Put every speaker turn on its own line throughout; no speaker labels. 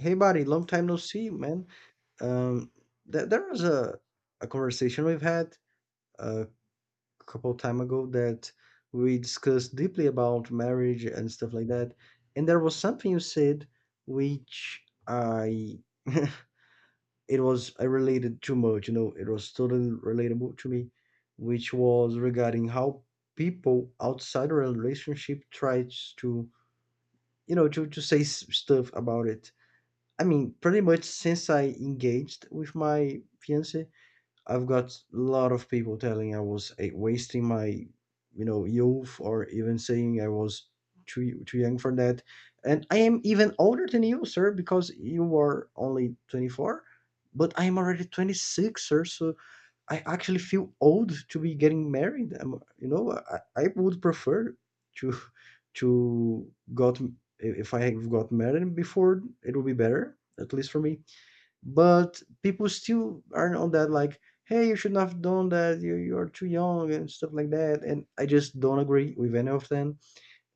Hey, buddy, long time no see, man. Um, there was a conversation we've had a couple time ago that we discussed deeply about marriage and stuff like that. And there was something you said which I it was I related too much, you know, it was totally relatable to me, which was regarding how people outside a relationship tries to, you know, to say stuff about it. I mean, pretty much since I engaged with my fiance, I've got a lot of people telling I was wasting my, you know, youth, or even saying I was too young for that. And I am even older than you, sir, because you are only 24, but I am already 26, sir. So I actually feel old to be getting married. I would prefer to to got if I got married before, it would be better, at least for me. But people still aren't on that. Like, hey, you should not have done that. You're too young and stuff like that. And I just don't agree with any of them.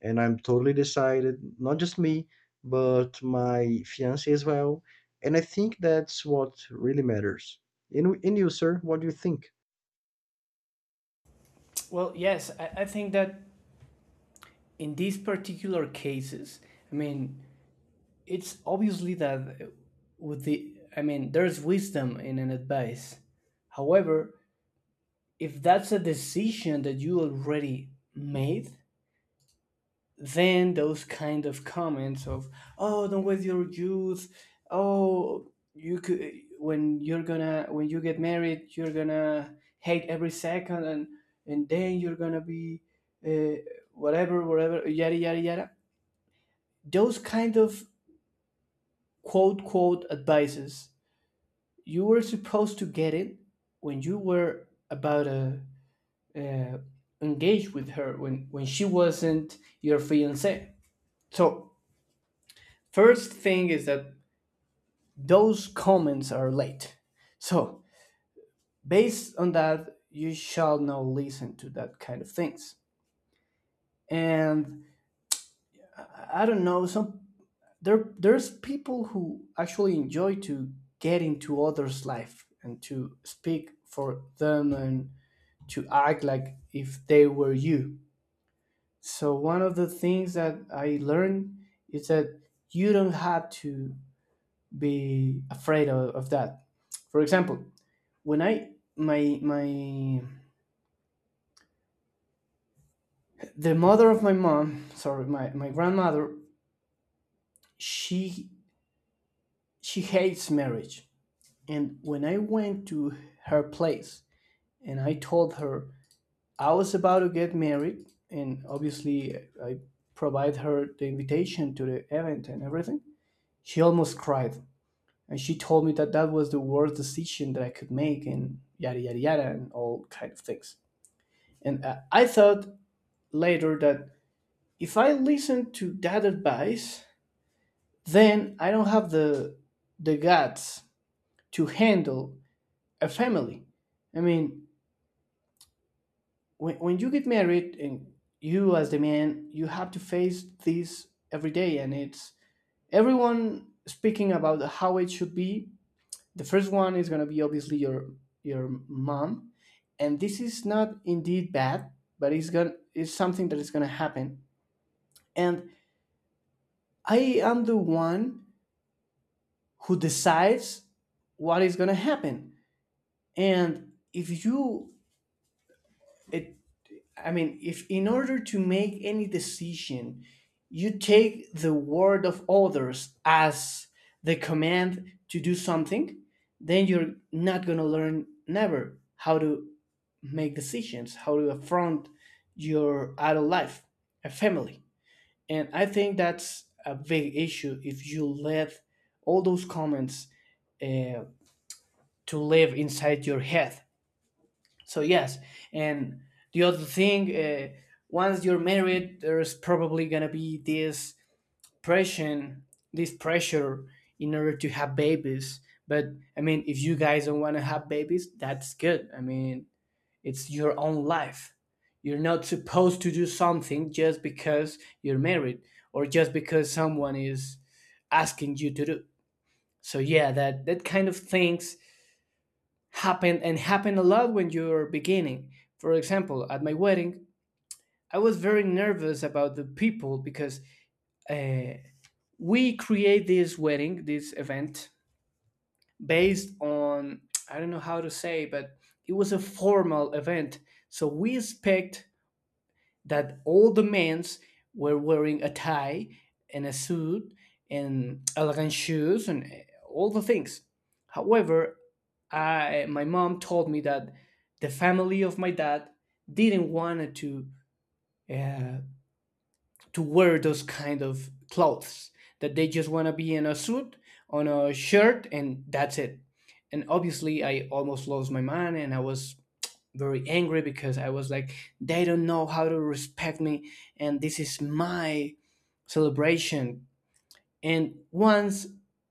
And I'm totally decided. Not just me, but my fiance as well. And I think that's what really matters. And you, sir, what do you think?
Well, yes, I think that in these particular cases, I mean, it's obviously that I mean, there's wisdom in an advice. However, if that's a decision that you already made, then those kind of comments of, "Oh, don't waste your youth, oh, you could, when you get married, you're gonna hate every second, and then you're gonna be, uh, whatever, whatever, yada yada yada," those kind of quote quote advices, you were supposed to get it when you were about to, uh, engage with her, when she wasn't your fiance. So first thing is that those comments are late. So, based on that, you shall not listen to that kind of things. And I don't know, some there there's people who actually enjoy to get into others' life, and to speak for them, and to act like if they were you. So one of the things that I learned is that you don't have to be afraid of that. For example, when I my my the mother of my mom, sorry, my grandmother, she she hates marriage. And when I went to her place and I told her I was about to get married, and obviously I provide her the invitation to the event and everything, she almost cried. And she told me that that was the worst decision that I could make, and yada yada yada, and all kind of things. And I thought later that if I listened to that advice, then I don't have the guts to handle a family. I mean, when you get married, and you, as the man, you have to face this every day, and it's everyone speaking about how it should be. The first one is going to be obviously your mom, and this is not indeed bad, but it's something that is going to happen. And I am the one who decides what is going to happen. And if you, it, I mean, if in order to make any decision, you take the word of others as the command to do something, then you're not going to learn never how to make decisions, how to affront your adult life, a family. And I think that's a big issue if you let all those comments uh, to live inside your head. So yes. And the other thing, once you're married, there's probably gonna be this pressure, this pressure in order to have babies. But I mean, if you guys don't want to have babies, that's good. I mean, it's your own life. You're not supposed to do something just because you're married, or just because someone is asking you to do. So yeah, that kind of things happen, and happen a lot when you're beginning. For example, at my wedding, I was very nervous about the people because, uh, we create this wedding, this event, based on, I don't know how to say, but it was a formal event. So we expect that all the men's were wearing a tie and a suit and elegant shoes and, all the things. However, my mom told me that the family of my dad didn't want uh, to wear those kind of clothes. That they just want to be in a suit, on a shirt, and that's it. And obviously, I almost lost my mind, and I was very angry because I was like, they don't know how to respect me, and this is my celebration. And once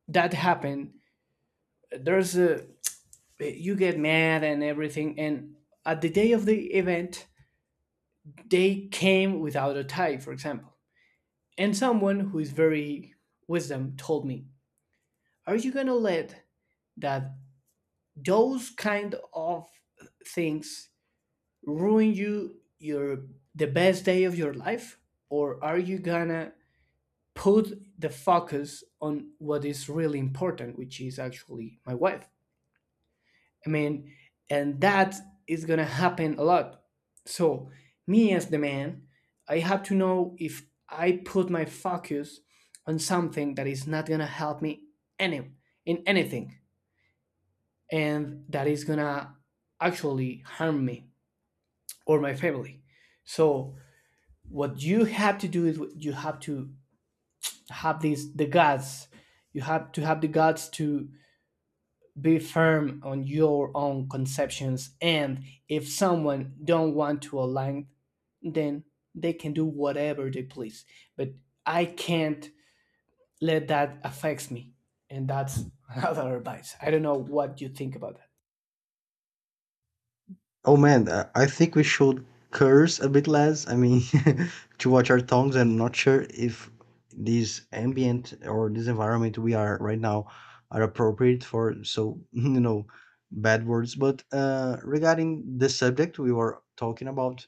that happened, there's a you get mad and everything. And at the day of the event, they came without a tie, for example. And someone who is very wisdom told me, "Are you gonna let that those kind of things ruin you your the best day of your life, or are you gonna put the focus on what is really important, which is actually my wife?" I mean, and that is gonna happen a lot. So me, as the man, I have to know if I put my focus on something that is not gonna help me any in anything, and that is gonna actually harm me or my family. So what you have to do is you have to have the guts. You have to have the guts to be firm on your own conceptions, and if someone don't want to align, then they can do whatever they please. But I can't let that affects me. And that's another advice. I don't know what you think about that.
Oh man, I think we should curse a bit less. I mean, to watch our tongues. I'm not sure if this ambient or this environment we are right now are appropriate for so you know bad words. But regarding the subject we were talking about,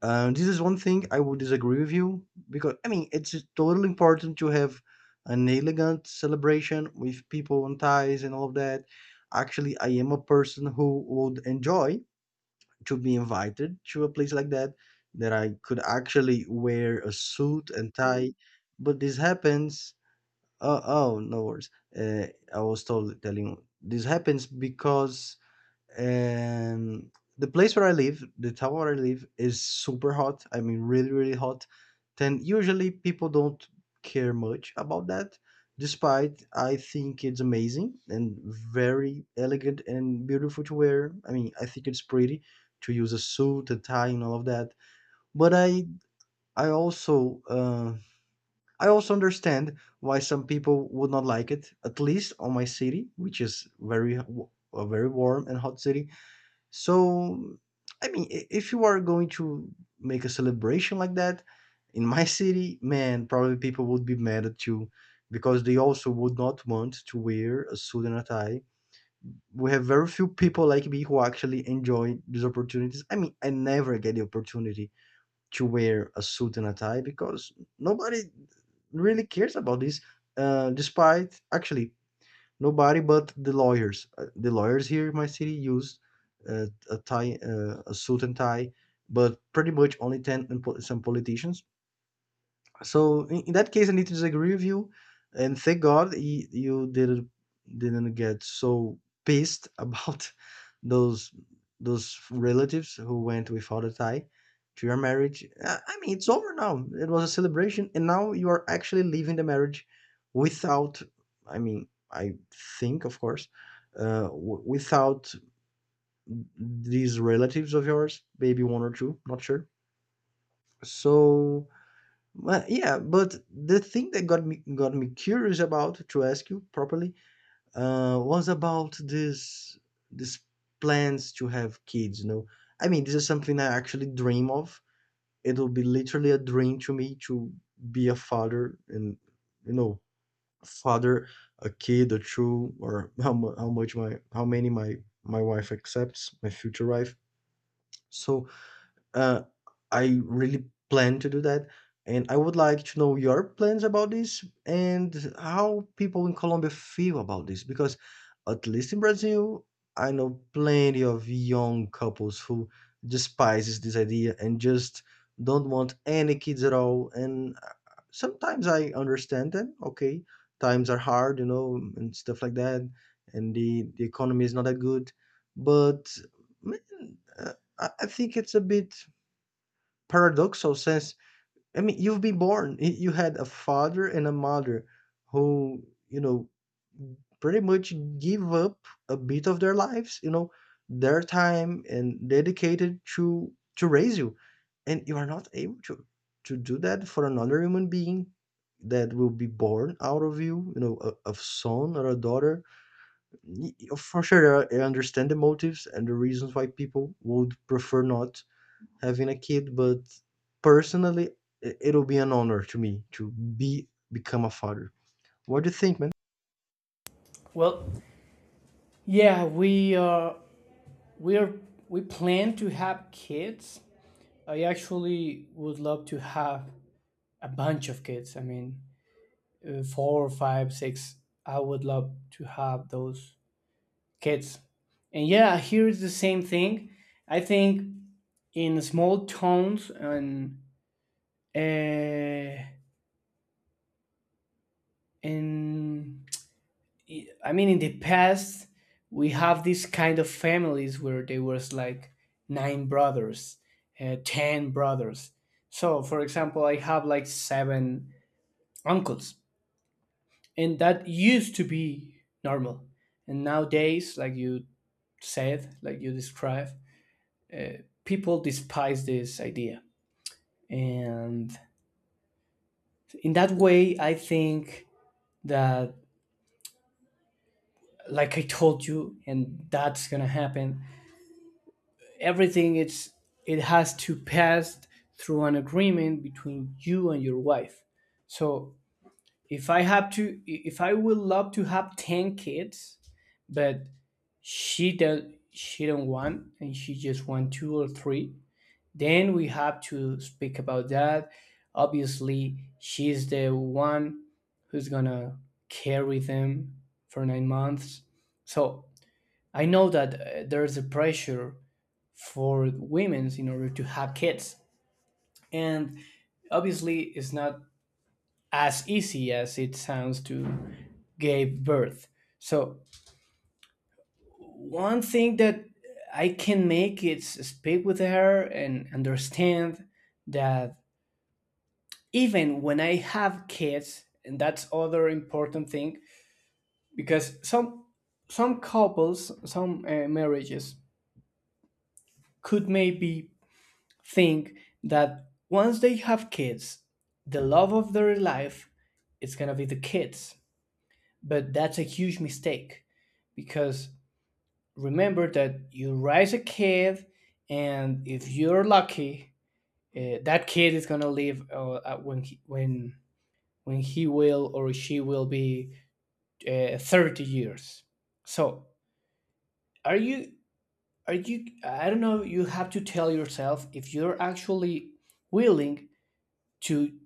this is one thing I would disagree with you because I mean it's totally important to have an elegant celebration with people on ties and all of that. Actually, I am a person who would enjoy to be invited to a place like that that I could actually wear a suit and tie. But this happens. Oh, oh no worries. Uh, I was told telling this happens because and the place where I live, the town where I live, is super hot. I mean, really, really hot. Then usually people don't care much about that, despite I think it's amazing and very elegant and beautiful to wear. I mean, I think it's pretty to use a suit, a tie, and all of that. But I also, uh, I also understand why some people would not like it. At least on my city, which is a very warm and hot city. So, I mean, if you are going to make a celebration like that in my city, man, probably people would be mad at you because they also would not want to wear a suit and a tie. We have very few people like me who actually enjoy these opportunities. I mean, I never get the opportunity to wear a suit and a tie because nobody really cares about this. Despite actually, nobody but the lawyers. The lawyers here in my city use a suit and tie, but pretty much only ten and some politicians. So in that case, I need to disagree with you, and thank God you didn't get so pissed about those those relatives who went without a tie to your marriage. I mean, it's over now. It was a celebration, and now you are actually leaving the marriage without. I mean, I think, of course, without these relatives of yours, maybe one or two, not sure. So well, yeah, but the thing that got me curious about to ask you properly was about this plans to have kids. You know, I mean, this is something I actually dream of. It will be literally a dream to me to be a father and you know, father a kid or two or how how much my how many my wife accepts my future wife. So uh, I really plan to do that, and I would like to know your plans about this and how people in Colombia feel about this because, at least in Brazil, I know plenty of young couples who despises this idea and just don't want any kids at all. And sometimes I understand them. Okay, times are hard, you know, and stuff like that, and the economy is not that good, but. mm, uh, I think it's a bit paradoxal sense. I mean, you've been born. You had a father and a mother who, you know, pretty much give up a bit of their lives, you know, their time and dedicated to raise you, and you are not able to do that for another human being that will be born out of you, you know, a son or a daughter. For sure, I understand the motives and the reasons why people would prefer not having a kid, but personally, it'll be an honor to me to be become a father. What do you think, man?
Well, yeah, we are we plan to have kids. I actually would love to have a bunch of kids. I mean, four, five, six. I would love to have those kids. And yeah, here is the same thing. I think in small towns and, uh, in I mean, in the past, we have these kind of families where there was like nine brothers, 10 brothers. So, for example, I have like seven uncles, and that used to be normal. And nowadays, like you said, like you described, uh, people despise this idea. And in that way, I think that, like I told you, and that's gonna happen, everything it's it has to pass through an agreement between you and your wife. So, if I would love to have 10 kids, but she does, she don't want, and she just want two or three. Then we have to speak about that. Obviously, she's the one who's gonna carry them for 9 months. So I know that, there's a pressure for women in order to have kids, and obviously, it's not as easy as it sounds to give birth. So one thing that I can make is speak with her and understand that, even when I have kids, and that's other important thing, because some couples, some, marriages could maybe think that once they have kids, the love of their life is gonna be the kids. But that's a huge mistake because remember that you raise a kid, and if you're lucky, that kid is gonna live, when he will, or she will, be 30 years. So, are you are you, I don't know, you have to tell yourself if you're actually willing to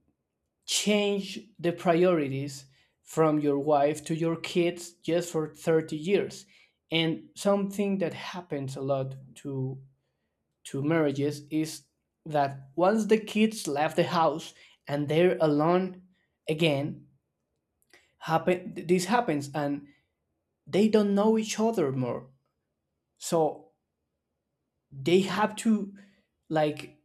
change the priorities from your wife to your kids just for 30 years. And something that happens a lot to marriages is that once the kids left the house and they're alone again, happen this happens, and they don't know each other more. So they have to, like,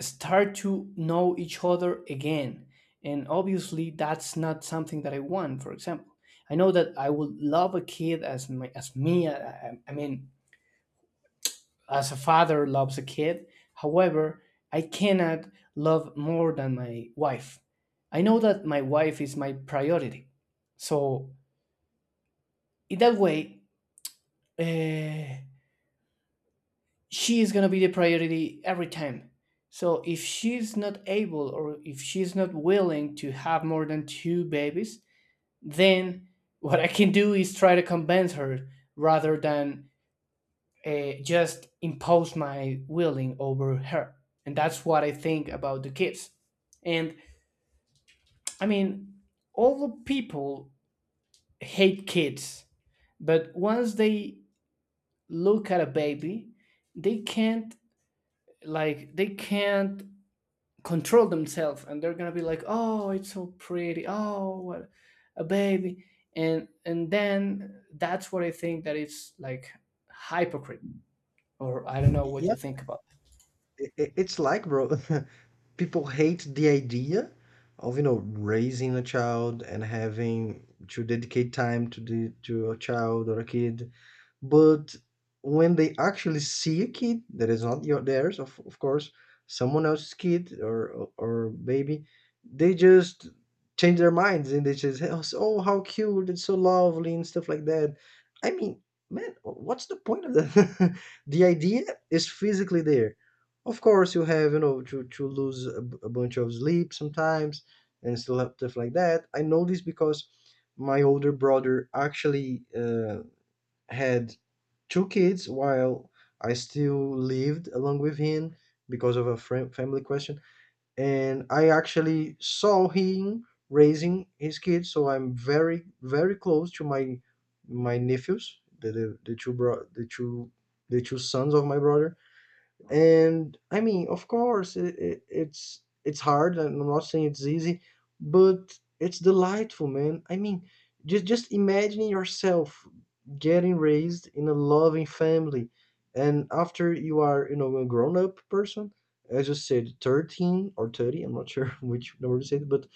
start to know each other again. And obviously, that's not something that I want. For example, I know that I would love a kid as my as me I mean, as a father loves a kid. However, I cannot love more than my wife. I know that my wife is my priority. So, in that way, uh, she is going to be the priority every time. So, if she's not able or if she's not willing to have more than two babies, then what I can do is try to convince her, rather than, just impose my willing over her. And that's what I think about the kids. And I mean, all the people hate kids, but once they look at a baby, they can't they can't control themselves, and they're gonna be like, "Oh, it's so pretty. Oh, what a baby." And then that's what I think, that it's like hypocrite, or I don't know what
Yeah,
you think about.
it's like, bro, people hate the idea of, you know, raising a child and having to dedicate time to the to a child or a kid. But when they actually see a kid that is not your theirs, of course, someone else's kid or baby, they just change their minds and they just "Oh, oh, how cute! It's so lovely!" and stuff like that. I mean, man, what's the point of that? The idea is physically there. Of course, you have you know to lose a bunch of sleep sometimes and still have stuff like that. I know this because my older brother actually had two kids while I still lived along with him because of a family question. And I actually saw him raising his kids, so I'm very close to my nephews, the two bro the two sons of my brother. And I mean of course it's hard and I'm not saying it's easy, but it's delightful, man. I mean, just imagining yourself getting raised in a loving family and after you are you know a grown up person, as you said 13 or 30, I'm not sure which number you said, but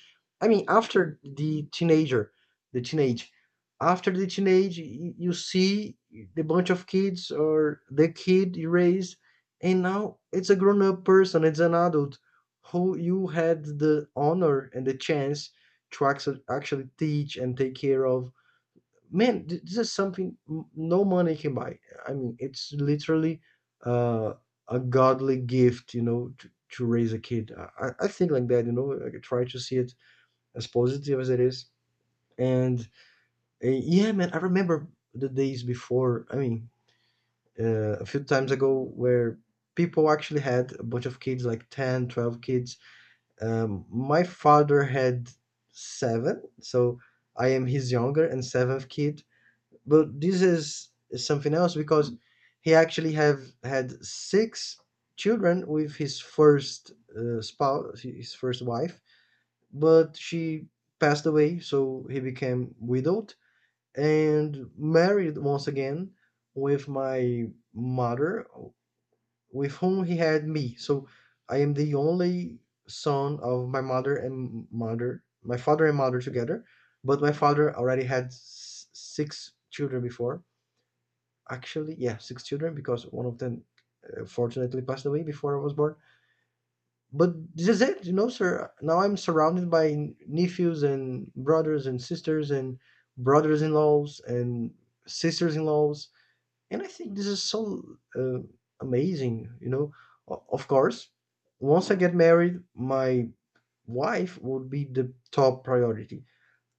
I mean after the teenager, the teenage after the teenage you see the bunch of kids or the kid you raised, and now it's a grown up person, it's an adult who you had the honor and the chance to actually teach and take care of. Man, this is something no money can buy. I mean, it's literally uh, a godly gift, you know, to raise a kid. I think like that, you know, I try to see it as positive as it is. And yeah, man, I remember the days before. I mean, a few times ago where people actually had a bunch of kids, like 10, 12 kids. My father had seven, so I am his younger and seventh kid. But this is something else because he actually have had six children with his first spouse, his first wife, but she passed away, so he became widowed and married once again with my mother with whom he had me. So I am the only son of my mother and mother, my father and mother together. But my father already had six children before. Actually, yeah, six children because one of them fortunately passed away before I was born. But this is it, you know, sir. Now I'm surrounded by nephews and brothers and sisters and brothers-in-laws and sisters-in-laws and I think this is so uh, amazing, you know. O- Of course, once I get married, my wife would be the top priority.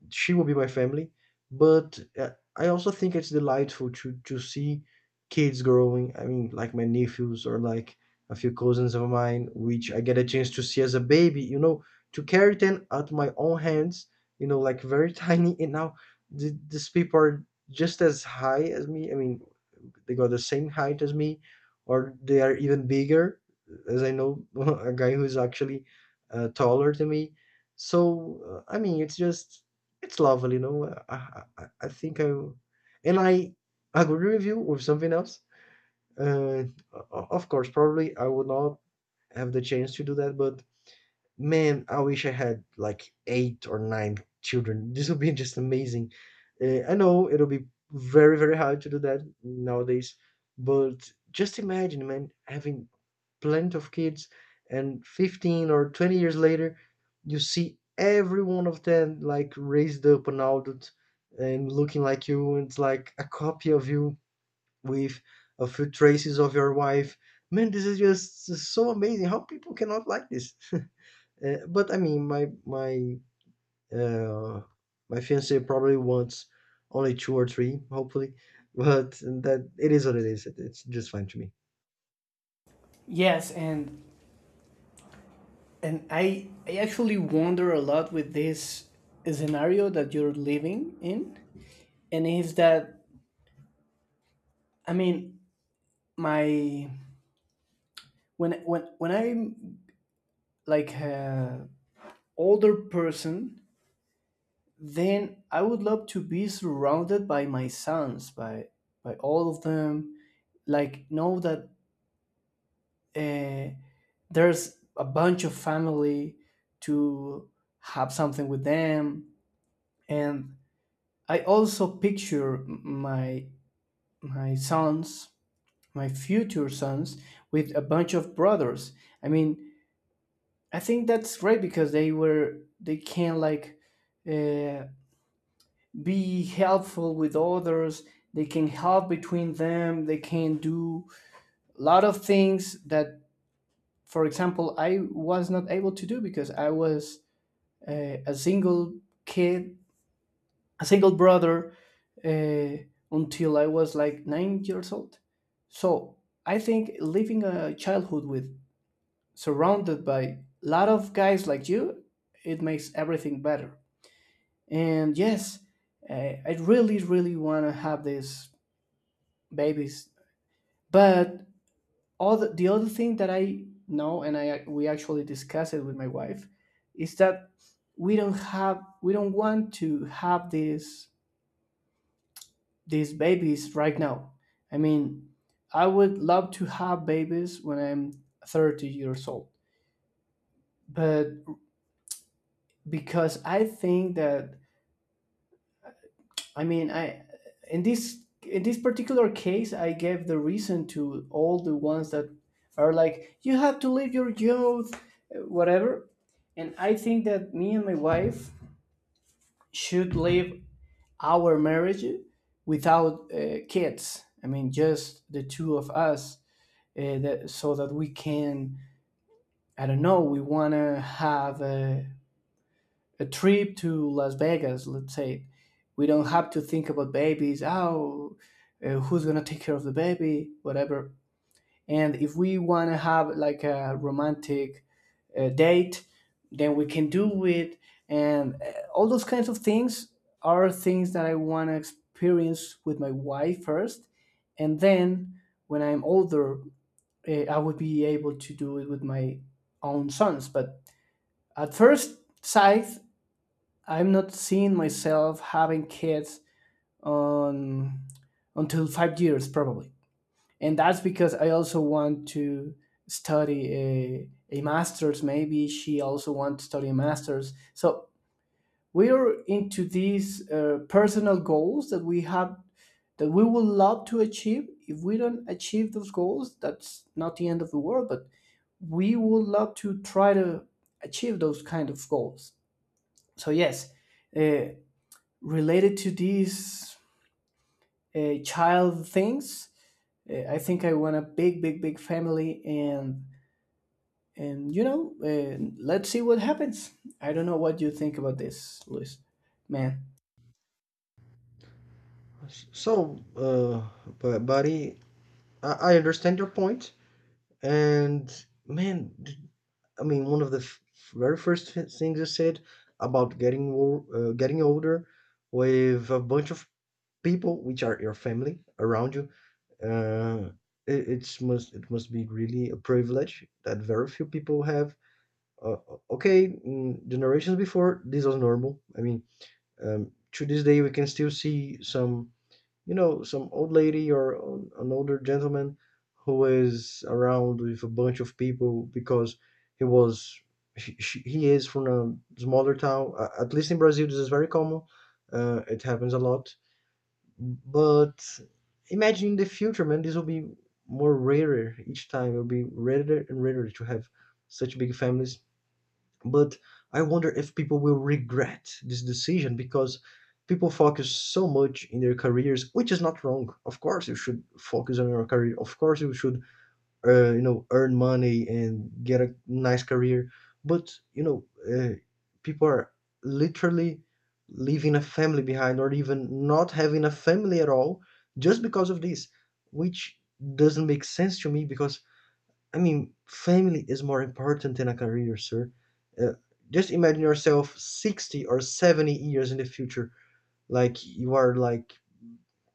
She will be my family, but I also think it's delightful to see kids growing. I mean, like my nephews or like a few cousins of mine, which I get a chance to see as a baby, you know, to carry them at my own hands, you know, like very tiny. And now these people are just as high as me. I mean, they got the same height as me or they are even bigger, as I know a guy who's actually taller than me. So I mean it's just it's lovely, you know. I think I agree with you with something else. uh, O- of course probably I would not have the chance to do that, but man, I wish I had like 8 or 9 children. This would be just amazing. I know it'll be very, very hard to do that nowadays, but just imagine, man, having plenty of kids and 15 or 20 years later, you see every one of them like raised up and adult and looking like you. And It's like a copy of you with a few traces of your wife. Man, this is just so amazing. How people cannot like this? But I mean, my uh, my fiance probably wants only two or three, hopefully. But that it is what it is. It's just fine to me.
Yes, and I actually wonder a lot with this scenario that you're living in, and is that, I mean, my when when I'm like a older person, then I would love to be surrounded by my sons, by all of them. Like, know that, uh, there's a bunch of family to have something with them, and I also picture my sons, my future sons, with a bunch of brothers. I mean, I think that's great because they can, like, uh, be helpful with others. They can help between them. They can do a lot of things that, for example, I was not able to do because I was, a single kid, a single brother, uh, until I was like 9 years old. So I think living a childhood with surrounded by a lot of guys like you, it makes everything better. And yes, I really, really want to have these babies. But all the other thing that I know, and I we actually discussed it with my wife, is that we don't want to have these babies right now. I mean, I would love to have babies when I'm 30 years old, but because I think that, I mean, I in this particular case, I gave the reason to all the ones that are like, "You have to live your youth," whatever. And I think that me and my wife should live our marriage without kids. I mean, just the two of us, so that we can. I don't know. We wanna have. A trip to Las Vegas, let's say, we don't have to think about babies. Oh, who's gonna take care of the baby? Whatever. And if we want to have like a romantic date, then we can do it. And all those kinds of things are things that I want to experience with my wife first, and then, when I'm older, I would be able to do it with my own sons. But at first sight, I'm not seeing myself having kids on until 5 years probably, and that's because I also want to study a master's. Maybe she also wants to study a master's. So we're into these personal goals that we have, that we would love to achieve. If we don't achieve those goals, that's not the end of the world, but we would love to try to achieve those kind of goals. So yes, uh, related to these child things, I think I want a big, big, big family, and let's see what happens. I don't know what you think about this, Luis. Man,
So, but buddy, I understand your point. And man, I mean, one of the very first things you said about getting getting older with a bunch of people which are your family around you, uh, it it must be really a privilege that very few people have. uh, okay Generations before, this was normal. I mean, to this day we can still see some, you know, some old lady or an older gentleman who is around with a bunch of people because he was he, she- he is from a smaller town. At least in Brazil this is very common. It happens a lot, but imagine in the future, man, this will be more rarer each time. It'll be rarer and rarer to have such big families. But I wonder if people will regret this decision, because people focus so much in their careers, which is not wrong. Of course, you should focus on your career. Of course, you should, you know, earn money and get a nice career. But, you know, uh, people are literally leaving a family behind or even not having a family at all just because of this, which doesn't make sense to me, because I mean, family is more important than a career, sir. uh, just imagine yourself 60 or 70 years in the future, like you are like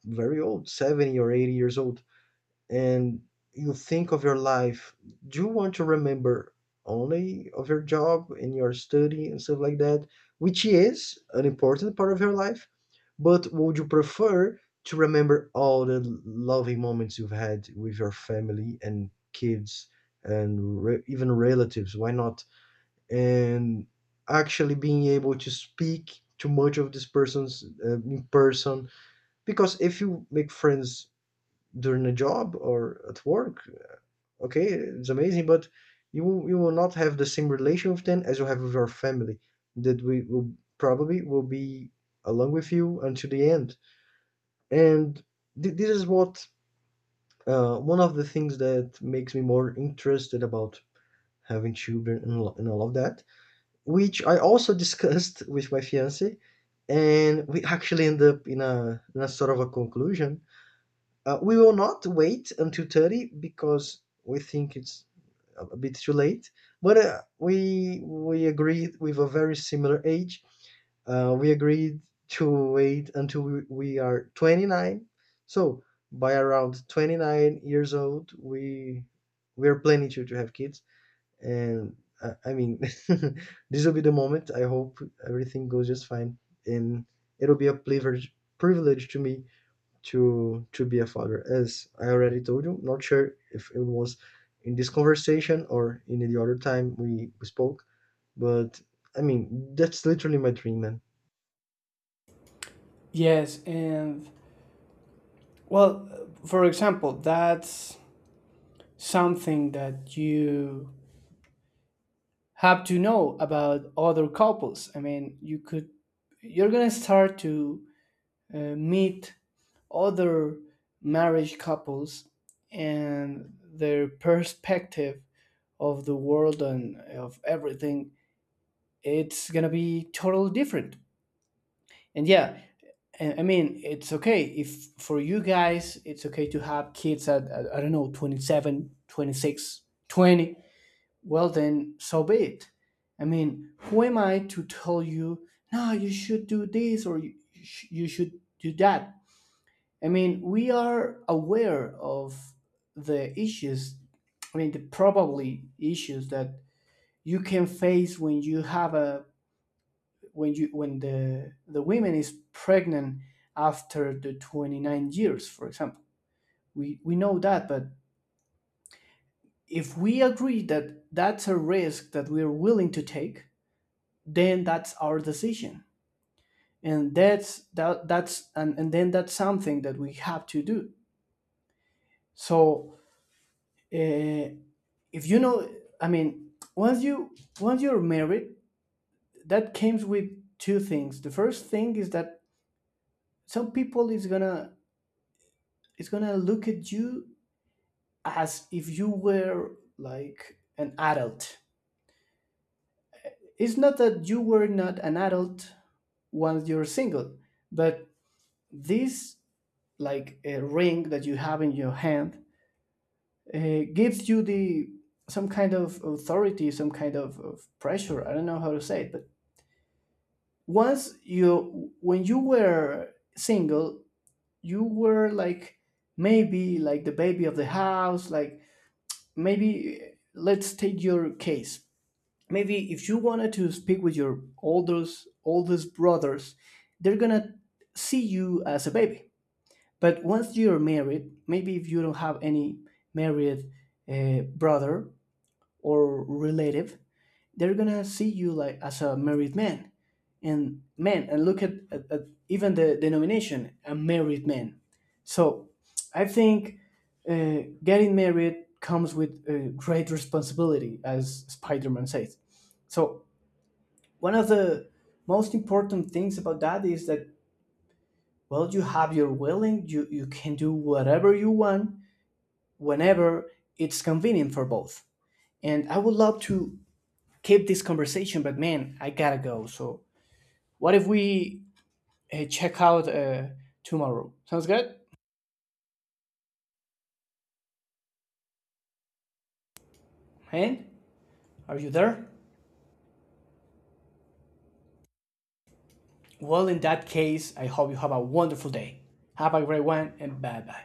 very old, 70 or 80 years old, and you think of your life. Do you want to remember only of your job and your study and stuff like that, which is an important part of your life, but would you prefer to remember all the loving moments you've had with your family and kids and even relatives? Why not? And actually being able to speak to much of this person's, in person, because if you make friends during a job or at work, okay, it's amazing, but you you will not have the same relation with them as you have with your family, that we will probably will be along with you until the end. And this is what, one of the things that makes me more interested about having children and, and all of that, which I also discussed with my fiance, and we actually end up in a sort of a conclusion. We will not wait until 30 because we think it's a bit too late. But we agreed with a very similar age. We agreed to wait until we are 29. So by around 29 years old, we are planning to have kids. And I mean, this will be the moment. I hope everything goes just fine, and it'll be a privilege to me to be a father, as I already told you. Not sure if it was in this conversation or in the other time we spoke, but I mean, that's literally my dream, man.
yes, and, well, for example, that's something that you have to know about other couples. I mean, you're gonna start to meet other marriage couples, and their perspective of the world and of everything, it's gonna be totally different. And yeah, I mean, it's okay if for you guys, it's okay to have kids at, I don't know, 27, 26, 20. Well, then, so be it. I mean, who am I to tell you, "No, you should do this, or you should do that?" I mean, we are aware of the issues, I mean, the probably issues that you can face when you have a when the women is pregnant after the 29 years, for example. We know that, but if we agree that that's a risk that we're willing to take, then that's our decision. And that's that that's and then that's something that we have to do. So, uh, if you know I mean, once you once you're married, that comes with two things. The first thing is that some people is gonna look at you as if you were like an adult. It's not that you were not an adult once you're single, but this, like a ring that you have in your hand, gives you the some kind of authority, some kind of pressure. I don't know how to say it, but once you when you were single, you were like, maybe, like the baby of the house. Like, maybe, let's take your case: maybe if you wanted to speak with your oldest brothers, they're gonna see you as a baby. But once you're married, maybe if you don't have any married brother or relative, they're gonna see you like as a married man. And, man, and look at even the denomination, a married man. So I think getting married comes with great responsibility, as Spider-Man says. So, one of the most important things about that is that, well, you have your willing, you can do whatever you want, whenever it's convenient for both. And I would love to keep this conversation, but, man, I gotta go. So, what if we check out tomorrow? Sounds good? Hein? Are you there? Well, in that case, I hope you have a wonderful day. Have a great one, and bye bye.